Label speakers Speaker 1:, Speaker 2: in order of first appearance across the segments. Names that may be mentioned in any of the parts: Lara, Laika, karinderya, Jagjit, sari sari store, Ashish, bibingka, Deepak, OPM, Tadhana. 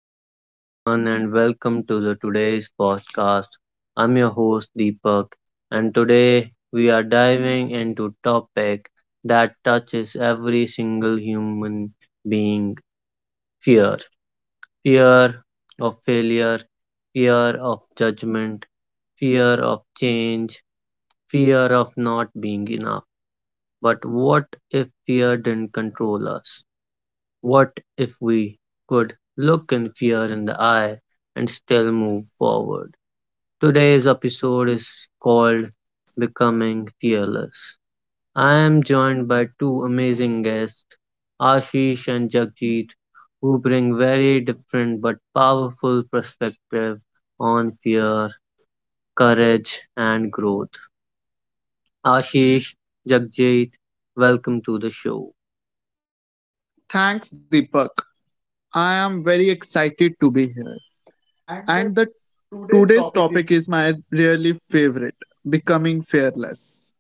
Speaker 1: Hello everyone and welcome to the today's podcast. I'm your host Deepak and today we are diving into topic that touches every single human being fear. Fear of failure, fear of judgment, fear of change, fear of not being enough. But what if fear didn't control us? What if we could look in fear in the eye and still move forward? Today's episode is called Becoming Fearless. I am joined by two amazing guests, Ashish and Jagjit, who bring very different but powerful perspective on fear, courage, and growth. Ashish, Jagjit, welcome to the show.
Speaker 2: Thanks, Deepak. I am very excited to be here.
Speaker 3: And the
Speaker 2: And the
Speaker 3: today's
Speaker 2: today's
Speaker 3: topic is
Speaker 2: topic is my really favorite, becoming fearless.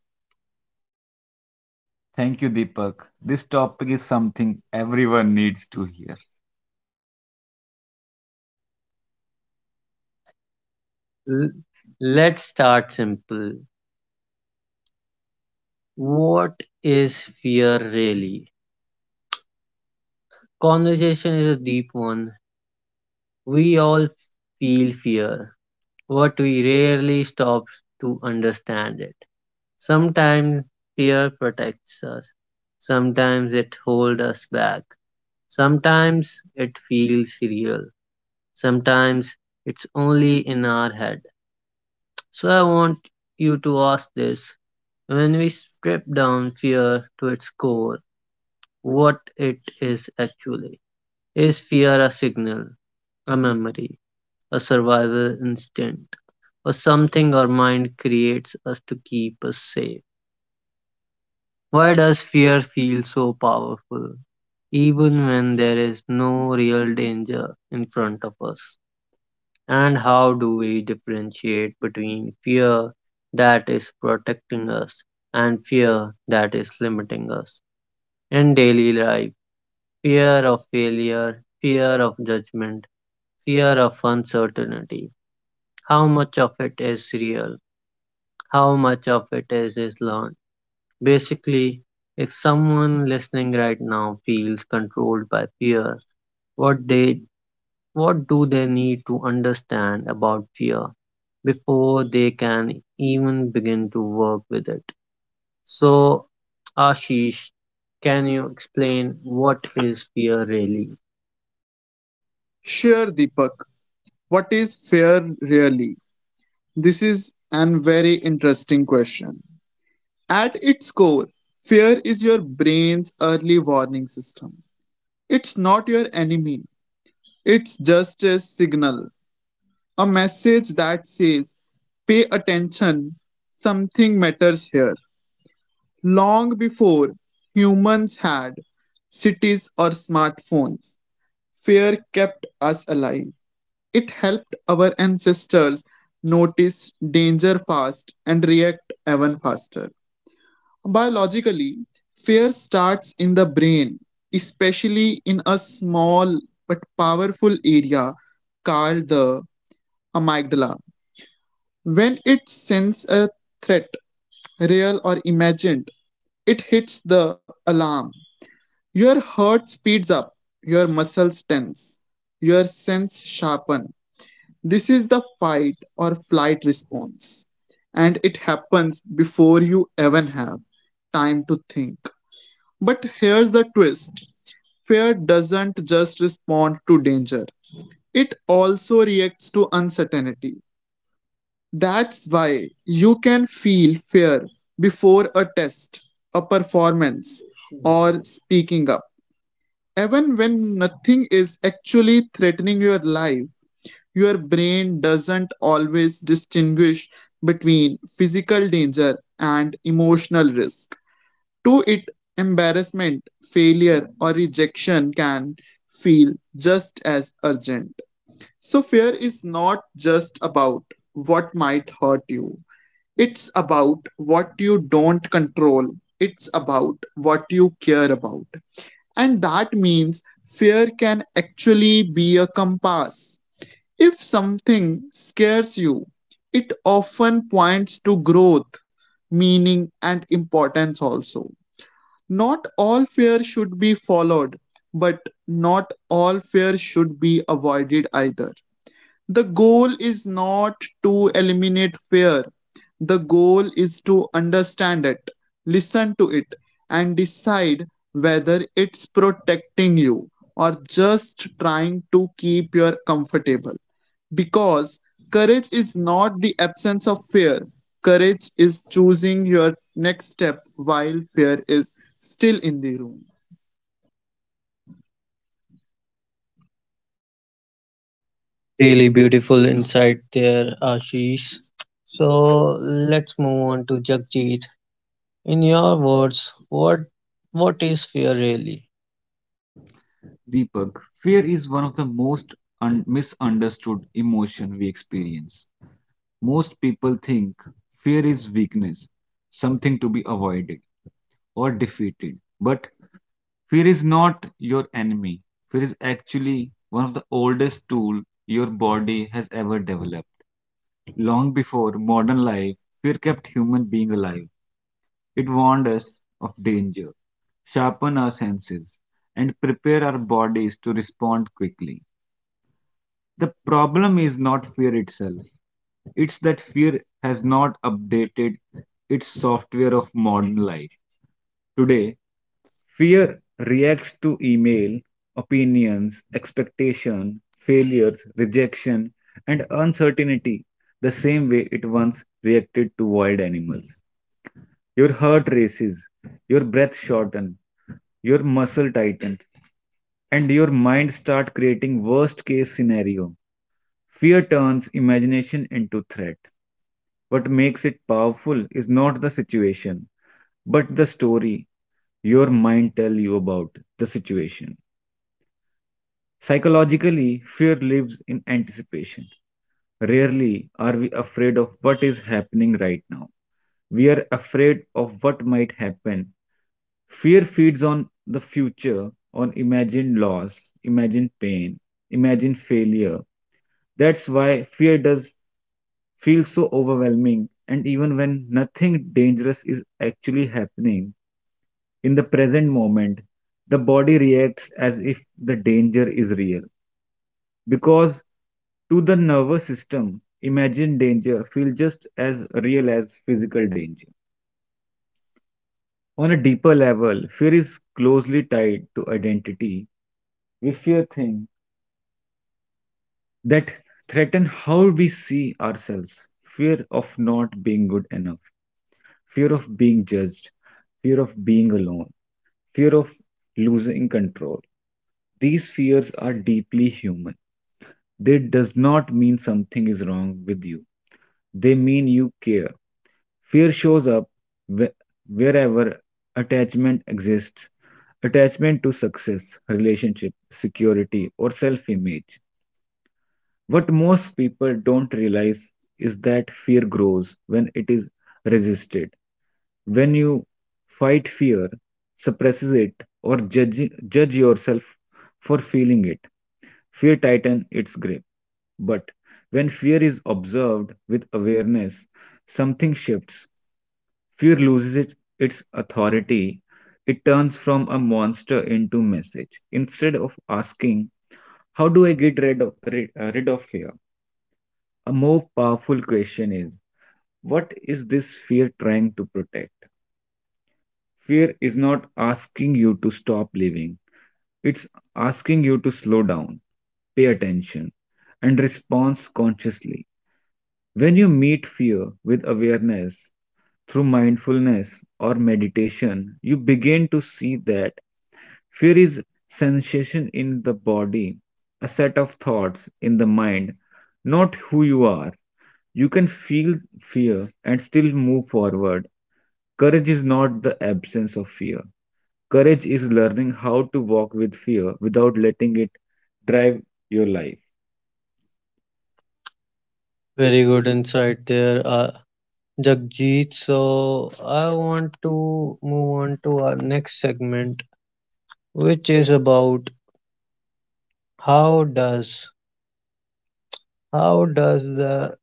Speaker 3: Thank you, Deepak. This topic is something everyone needs to hear.
Speaker 1: L- let's start simple. What is fear really? Conversation is a deep one. We all feel fear, but we rarely stop to understand it. Sometimes fear protects us, sometimes it holds us back, sometimes it feels real, sometimes it's only in our head. So I want you to ask this when we strip down fear to its core, what it is actually. Is fear a signal, a memory, a survival instinct, or something our mind creates us to keep us safe? Why does fear feel so powerful, even when there is no real danger in front of us? And how do we differentiate between fear that is protecting us and fear that is limiting us? In daily life, fear of failure, fear of judgment, fear of uncertainty. How much of it is real? How much of it is learned? Basically, if someone listening right now feels controlled by fear, what they what do they need to understand about fear before they can even begin to work with it? So, Ashish, can you explain what is fear really?
Speaker 2: Sure, Deepak. What is fear really? This is an very interesting question. At its core, fear is your brain's early warning system. It's not your enemy. It's just a signal, a message that says, pay attention, something matters here. Long before humans had cities or smartphones, fear kept us alive. It helped our ancestors notice danger fast and react even faster. Biologically, fear starts in the brain, especially in a small but powerful area called the amygdala. When it senses a threat, real or imagined, it hits the alarm. Your heart speeds up, your muscles tense, your sense sharpen. This is the fight or flight response, and it happens before you even have time to think. But here's the twist: fear doesn't just respond to danger, it also reacts to uncertainty. That's why you can feel fear before a test, a performance, or speaking up. Even when nothing is actually threatening your life, your brain doesn't always distinguish between physical danger and emotional risk. To it, embarrassment, failure, or rejection can feel just as urgent. So, fear is not just about what might hurt you, it's about what you don't control, it's about what you care about. And that means fear can actually be a compass. If something scares you, it often points to growth, meaning, and importance also. Not all fear should be followed, but not all fear should be avoided either. The goal is not to eliminate fear. The goal is to understand it, listen to it, and decide whether it's protecting you or just trying to keep you comfortable. Because courage is not the absence of fear, courage is choosing your next step while fear is still in the room.
Speaker 1: Really beautiful insight there, Ashish. So let's move on to Jagjit. In your words, what is fear really?
Speaker 3: Deepak, fear is one of the most misunderstood emotion we experience. Most people think fear is weakness, something to be avoided or defeated. But fear is not your enemy. Fear is actually one of the oldest tool your body has ever developed. Long before modern life, fear kept human being alive. It warned us of danger, sharpened our senses, and prepared our bodies to respond quickly. The problem is not fear itself, it's that fear has not updated its software of modern life. Today, fear reacts to email, opinions, expectation, failures, rejection, and uncertainty the same way it once reacted to wild animals. Your heart races, your breath shorten, your muscle tighten, and your mind start creating worst case scenario. Fear turns imagination into threat. What makes it powerful is not the situation, but the story your mind tell you about the situation. Psychologically, fear lives in anticipation. Rarely are we afraid of what is happening right now. We are afraid of what might happen. Fear feeds on the future, on imagined loss, imagined pain, imagined failure. That's why fear does feel so overwhelming, and even when nothing dangerous is actually happening in the present moment, the body reacts as if the danger is real. Because to the nervous system, imagined danger feels just as real as physical danger. On a deeper level, fear is closely tied to identity. We fear things that threaten how we see ourselves, fear of not being good enough, fear of being judged, fear of being alone, fear of losing control. These fears are deeply human. They does not mean something is wrong with you. They mean you care. Fear shows up whe- wherever attachment exists. Attachment to success, relationship, security, or self image. What most people don't realize is that fear grows when it is resisted. When you fight fear, suppresses it, or judge yourself for feeling it, fear tightens its grip. But when fear is observed with awareness, something shifts. Fear loses its authority. It turns from a monster into message. Instead of asking, how do I get rid of fear? A more powerful question is, what is this fear trying to protect? Fear is not asking you to stop living, it's asking you to slow down, pay attention, and respond consciously. When you meet fear with awareness, through mindfulness or meditation, you begin to see that fear is sensation in the body, a set of thoughts in the mind, not who you are. You can feel fear and still move forward. Courage is not the absence of fear. Courage is learning how to walk with fear without letting it drive your life.
Speaker 1: Very good insight there, Jagjit. So I want to move on to our next segment, which is about how does how does the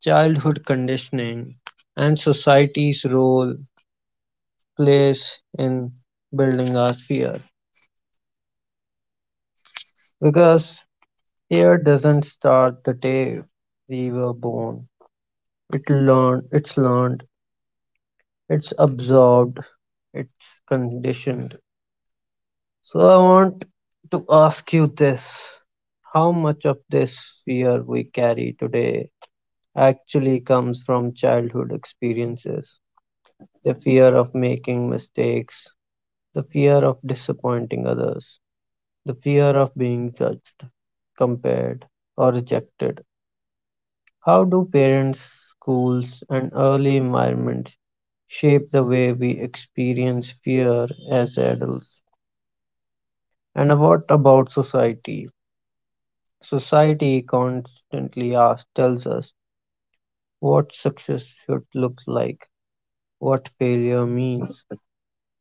Speaker 1: childhood conditioning and society's role plays in building our fear because fear doesn't start the day we were born. It's learned, it's absorbed, it's conditioned. So I want to ask you this. How much of this fear we carry today actually comes from childhood experiences? The fear of making mistakes, the fear of disappointing others, the fear of being judged, compared, or rejected? How do parents, schools, and early environments shape the way we experience fear as adults? And what about society? Society constantly tells us what success should look like, what failure means,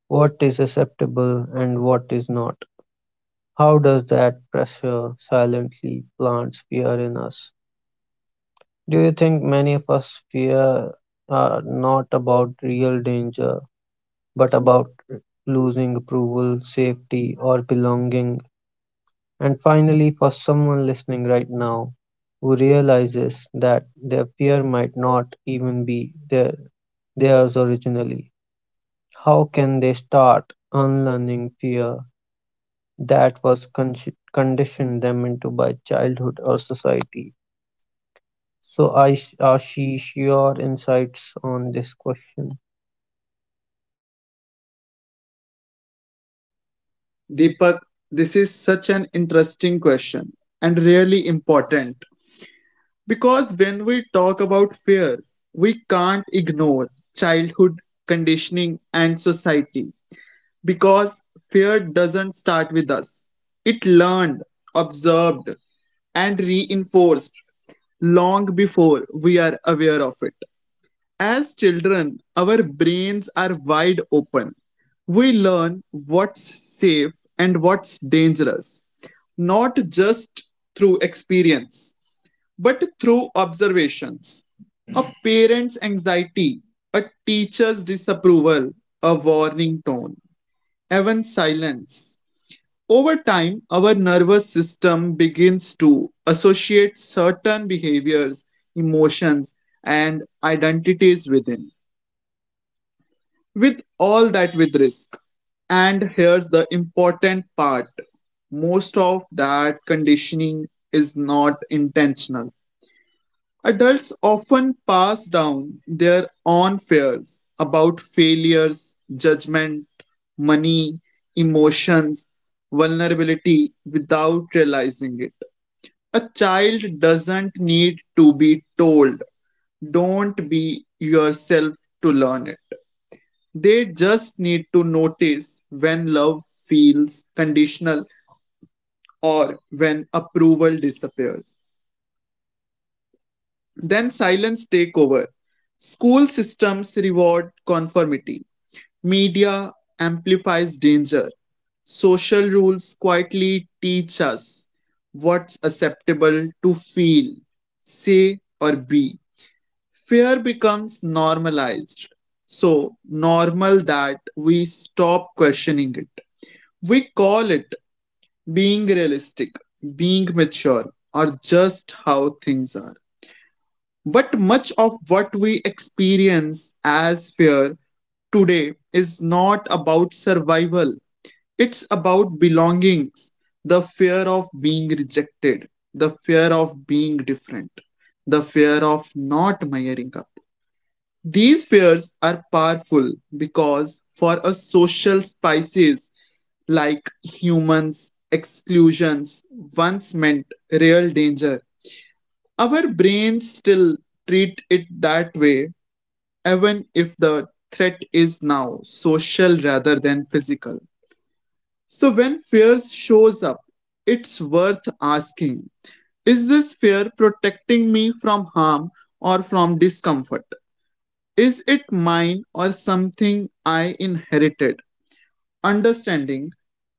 Speaker 1: what is acceptable and what is not. How does that pressure silently plants fear in us? Do you think many of us fear are not about real danger but about losing approval, safety, or belonging? And finally, for someone listening right now who realizes that their fear might not even be theirs originally, how can they start unlearning fear that was conditioned them into by childhood or society? So, I, Ashish, your insights on this question.
Speaker 2: Deepak, this is such an interesting question and really important. Because when we talk about fear, we can't ignore childhood conditioning and society. Because fear doesn't start with us, it learned, observed, and reinforced long before we are aware of it. As children, our brains are wide open. We learn what's safe and what's dangerous, not just through experience but through observations. A parent's anxiety, a teacher's disapproval, a warning tone, even silence. Over time, our nervous system begins to associate certain behaviors, emotions, and identities within, with all that with risk. And here's the important part: most of that conditioning is not intentional. Adults often pass down their own fears about failures, judgment, money, emotions, vulnerability without realizing it. A child doesn't need to be told, don't be yourself, to learn it. They just need to notice when love feels conditional or when approval disappears. Then silence take over. School systems reward conformity. Media amplifies danger. Social rules quietly teach us what's acceptable to feel, say, or be. Fear becomes normalized. So normal that we stop questioning it. We call it being realistic, being mature, or just how things are. But much of what we experience as fear today is not about survival, it's about belongings, the fear of being rejected, the fear of being different, the fear of not measuring up. These fears are powerful because for a social species like humans, exclusions once meant real danger. Our brains still treat it that way even if the threat is now social rather than physical. So when fear shows up, it's worth asking: is this fear protecting me from harm or from discomfort? Is it mine or something I inherited? Understanding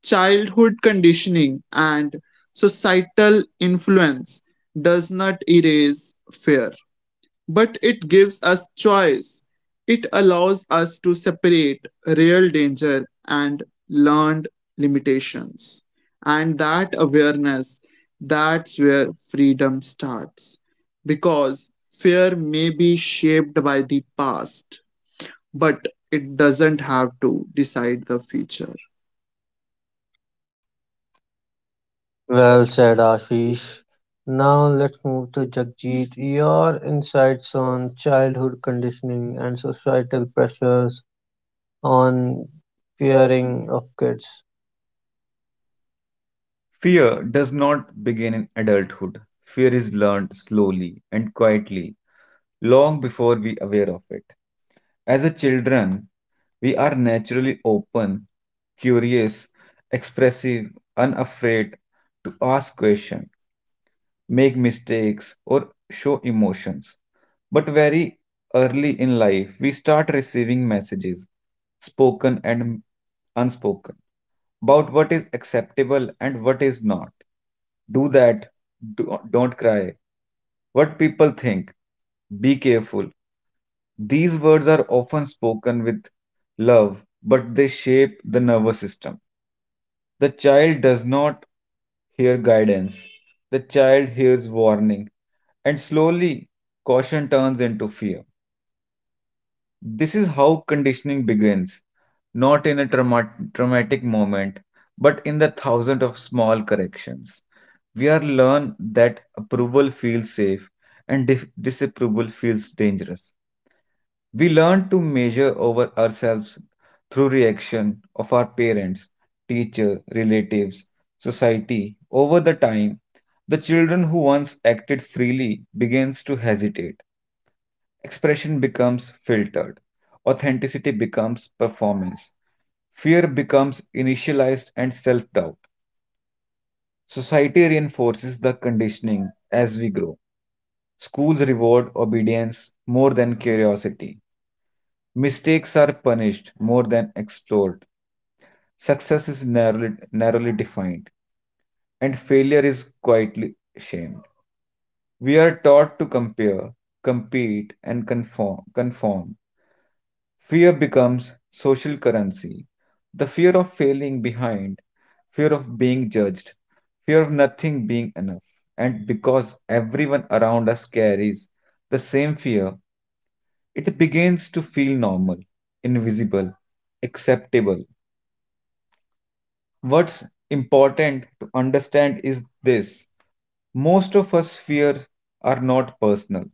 Speaker 2: childhood conditioning and societal influence does not erase fear, but it gives us choice. It allows us to separate real danger and learned limitations. And that awareness, that's where freedom starts. Because fear may be shaped by the past, but it doesn't have to decide the future.
Speaker 1: Well said, Ashish. Now let's move to Jagjit. Your insights on childhood conditioning and societal pressures on fearing of kids.
Speaker 3: Fear does not begin in adulthood. Fear is learned slowly and quietly, long before we aware of it. As a children, we are naturally open, curious, expressive, unafraid to ask questions, make mistakes, or show emotions. But very early in life, we start receiving messages, spoken and unspoken, about what is acceptable and what is not. Do that, don't cry, what people think, be careful. These words are often spoken with love, but they shape the nervous system. The child does not hear guidance, the child hears warning, and slowly caution turns into fear. This is how conditioning begins, not in a traumatic moment, but in the thousand of small corrections. We are learned that approval feels safe and disapproval feels dangerous. We learn to measure over ourselves through reaction of our parents, teacher, relatives, society. Over the time, the children who once acted freely begins to hesitate. Expression becomes filtered. Authenticity becomes performance. Fear becomes initialized and self-doubt. Society reinforces the conditioning as we grow. Schools reward obedience more than curiosity. Mistakes are punished more than explored. Success is narrowly defined, and failure is quietly shamed. We are taught to compare, compete, and conform. Fear becomes social currency. The fear of failing behind, fear of being judged, fear of nothing being enough. And because everyone around us carries the same fear, it begins to feel normal, invisible, acceptable. What's important to understand is this, most of us fears are not personal,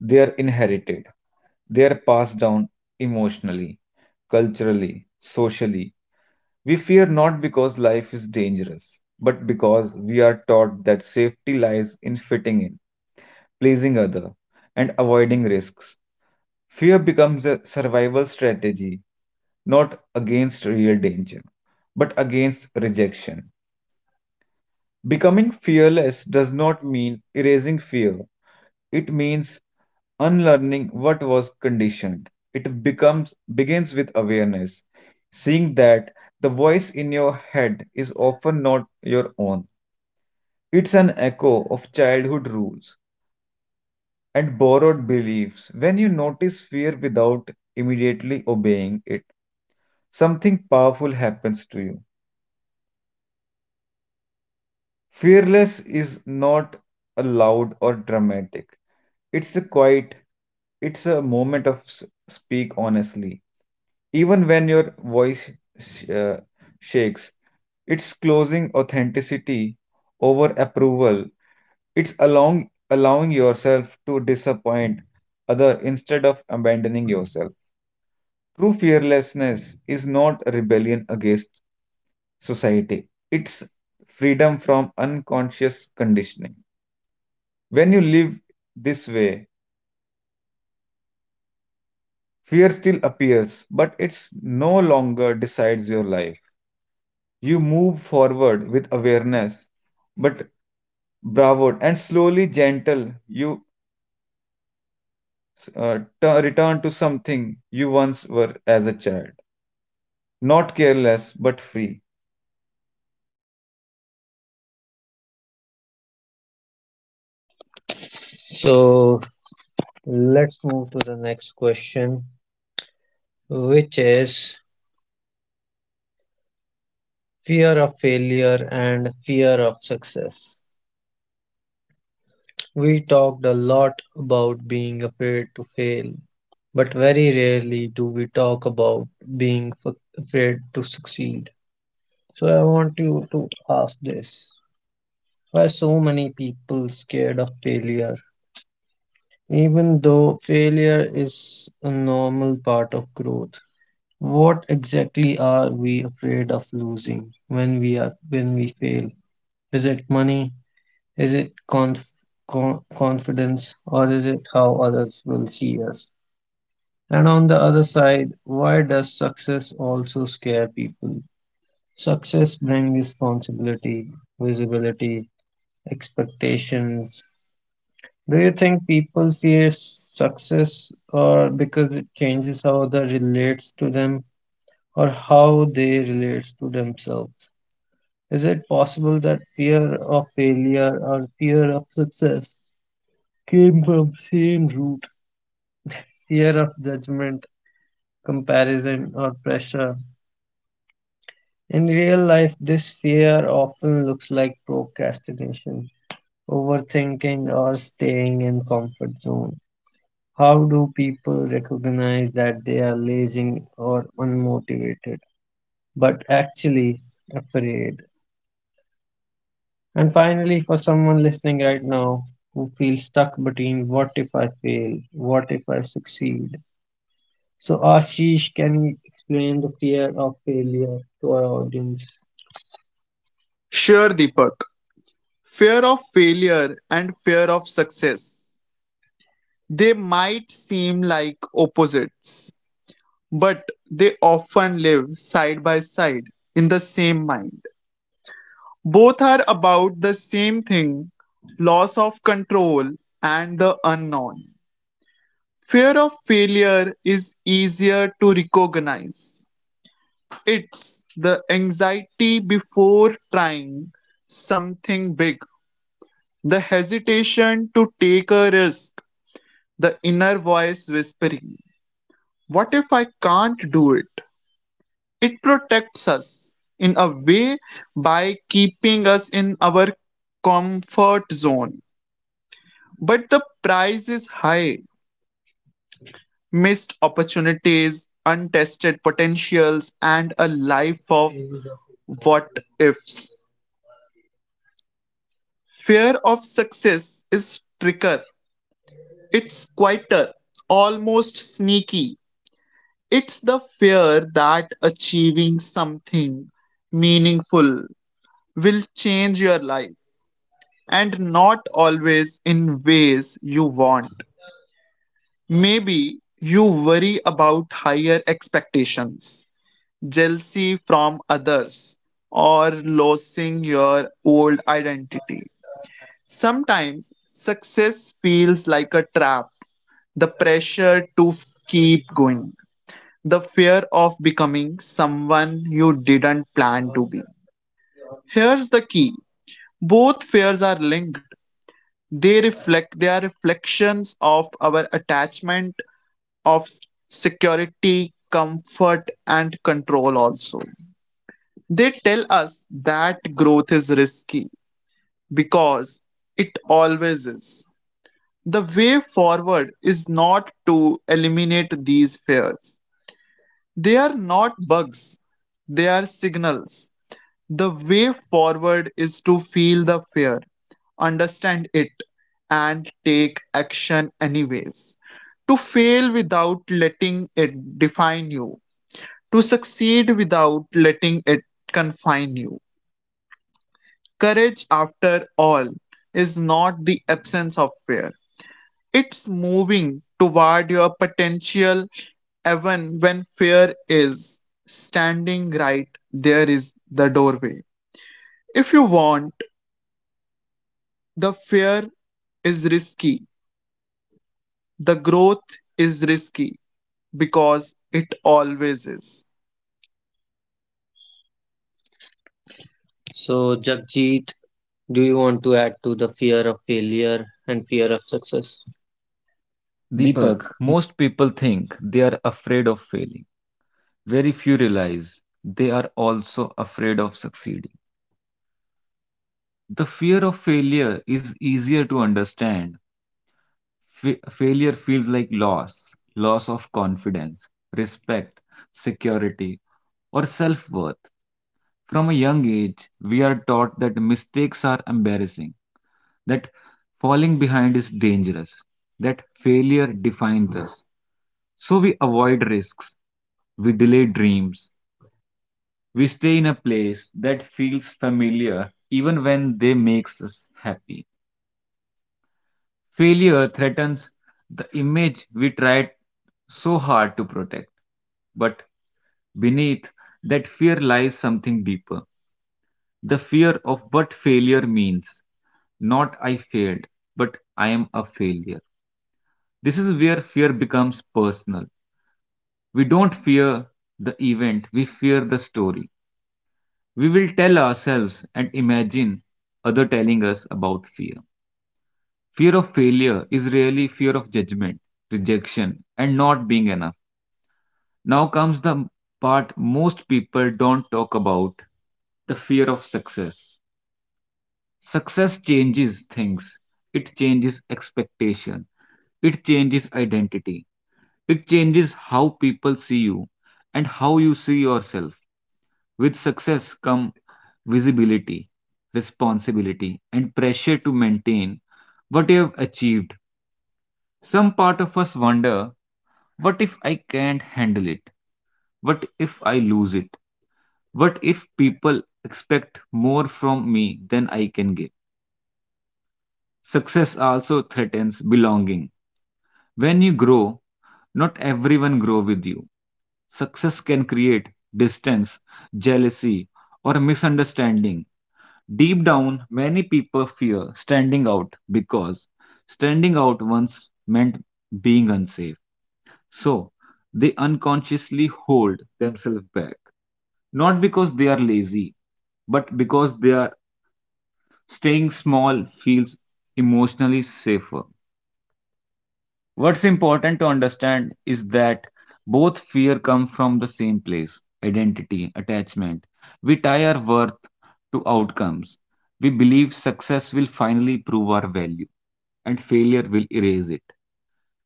Speaker 3: they are inherited, they are passed down emotionally, culturally, socially. We fear not because life is dangerous, but because we are taught that safety lies in fitting in, pleasing other, and avoiding risks. Fear becomes a survival strategy, not against real danger, but against rejection. Becoming fearless does not mean erasing fear. It means unlearning what was conditioned. It becomes begins with awareness, seeing that the voice in your head is often not your own. It's an echo of childhood rules and borrowed beliefs. When you notice fear without immediately obeying it, something powerful happens to you. Fearless is not a loud or dramatic. It's a quiet, it's a moment of speak honestly. Even when your voice sh- uh, shakes, it's closing authenticity over approval. It's allowing yourself to disappoint other instead of abandoning yourself. True fearlessness is not a rebellion against society. It's freedom from unconscious conditioning. When you live this way, fear still appears, but it's no longer decides your life. You move forward with awareness, but bravo and slowly gentle, you return to something you once were as a child. Not careless, but free.
Speaker 2: So let's move to the next question, which is fear of failure and fear of success. We talked a lot about being afraid to fail, but very rarely do we talk about being afraid to succeed. So I want you to ask this. Why so many people scared of failure? Even though failure is a normal part of growth, what exactly are we afraid of losing when we fail? Is it money? Is it confidence, or is it how others will see us? And on the other side, why does success also scare people? Success brings responsibility, visibility, expectations. Do you think people fear success or because it changes how others relates to them or how they relates to themselves? Is it possible that fear of failure or fear of success came from same root: fear of judgment, comparison, or pressure? In real life this fear often looks like procrastination, overthinking, or staying in comfort zone. How do people recognize that they are lazy or unmotivated but actually afraid? And finally, for someone listening right now who feels stuck between what if I fail, what if I succeed. So, Ashish, can you explain the fear of failure to our audience? Sure, Deepak. Fear of failure and fear of success. They might seem like opposites, but they often live side by side in the same mind. Both are about the same thing: loss of control and the unknown. Fear of failure is easier to recognize. It's the anxiety before trying something big, the hesitation to take a risk, the inner voice whispering, what if I can't do it? It protects us in a way by keeping us in our comfort zone. But the price is high: missed opportunities, untested potentials, and a life of what ifs. Fear of success is tricker. It's quieter, almost sneaky. It's the fear that achieving something meaningful will change your life, and not always in ways you want. Maybe you worry about higher expectations, jealousy from others, or losing your old identity. Sometimes success feels like a trap: the pressure to keep going, the fear of becoming someone you didn't plan to be. Here's the key: both fears are linked, they are reflections of our attachment of security, comfort, and control also. They tell us that growth is risky because it always is. The way forward is not to eliminate these fears. They are not bugs, they are signals. The way forward is to feel the fear, understand it, and take action anyways. To fail without letting it define you, to succeed without letting it confine you. Courage, after all, is not the absence of fear, it's moving toward your potential even when fear is standing right there is the doorway. If you want, the fear is risky. The growth is risky because it always is. So, Jagjit, do you want to add to the fear of failure and fear of success?
Speaker 3: Deepak,
Speaker 2: Deepak.
Speaker 3: most people think they are afraid of failing. Very few realize they are also afraid of succeeding. The fear of failure is easier to understand. Failure feels like loss, loss of confidence, respect, security, or self worth. From a young age, we are taught that mistakes are embarrassing, that falling behind is dangerous, that failure defines us. So we avoid risks, we delay dreams, we stay in a place that feels familiar even when they makes us happy. Failure threatens the image we tried so hard to protect. But beneath that fear lies something deeper, the fear of what failure means. Not I failed, but I am a failure. This is where fear becomes personal. We don't fear the event, we fear the story. We will tell ourselves and imagine other telling us about fear. Fear of failure is really fear of judgment, rejection, and not being enough. Now comes the part most people don't talk about, the fear of success. Success changes things, it changes expectation, it changes identity, it changes how people see you and how you see yourself. With success come visibility, responsibility, and pressure to maintain what you have achieved. Some part of us wonder, what if I can't handle it? What if I lose it? What if people expect more from me than I can give? Success also threatens belonging. When you grow, not everyone grow with you. Success can create distance, jealousy, or misunderstanding. Deep down, many people fear standing out because standing out once meant being unsafe. So, they unconsciously hold themselves back, not because they are lazy, but because they are. Staying small feels emotionally safer. What's important to understand is that both fear come from the same place, identity, attachment. We tie our worth to outcomes. We believe success will finally prove our value and failure will erase it.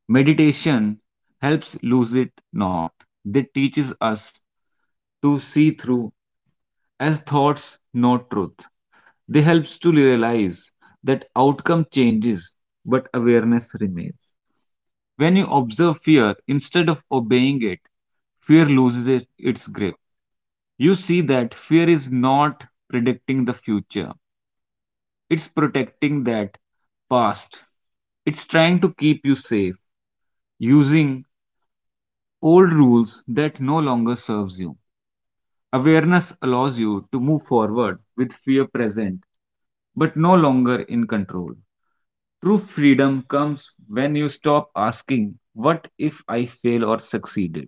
Speaker 3: Meditation helps lose it not. They teaches us to see through as thoughts, not truth. They helps to realize that outcome changes, but awareness remains. When you observe fear instead of obeying it, fear its grip. You see that fear is not predicting the future, it's protecting that past. It's trying to keep you safe using old rules that no longer serves you. Awareness allows you to move forward with fear present, but no longer in control. True freedom comes when you stop asking, what if I fail or succeeded?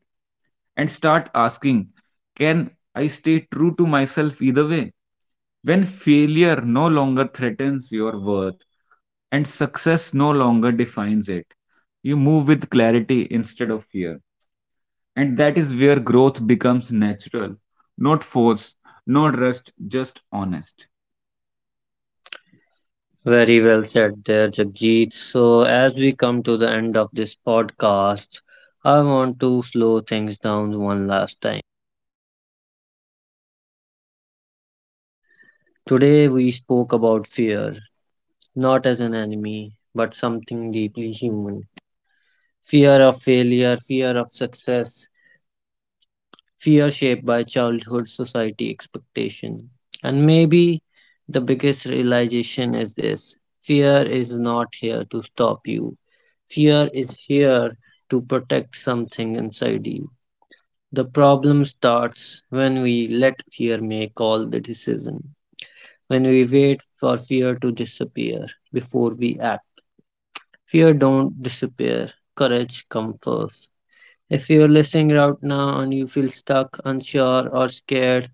Speaker 3: And start asking, can I stay true to myself either way? When failure no longer threatens your worth and success no longer defines it, you move with clarity instead of fear. And that is where growth becomes natural, not forced, not rushed, just honest.
Speaker 2: Very well said there, Jagjit. So, as we come to the end of this podcast, I want to slow things down one last time. Today, we spoke about fear, not as an enemy, but something deeply human. Fear of failure, fear of success, fear shaped by childhood society expectation. And maybe the biggest realization is this: fear is not here to stop you, fear is here to protect something inside you. The problem starts when we let fear make all the decision, when we wait for fear to disappear before we act. Fear don't disappear, courage comes first. If you're listening right now and you feel stuck, unsure, or scared,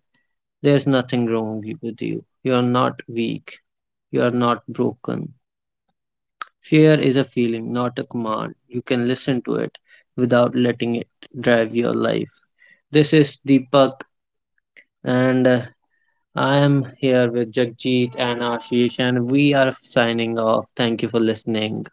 Speaker 2: there's nothing wrong with you. You are not weak. You are not broken. Fear is a feeling, not a command. You can listen to it without letting it drive your life. This is Deepak, and I am here with Jagjit and Ashish, and we are signing off. Thank you for listening.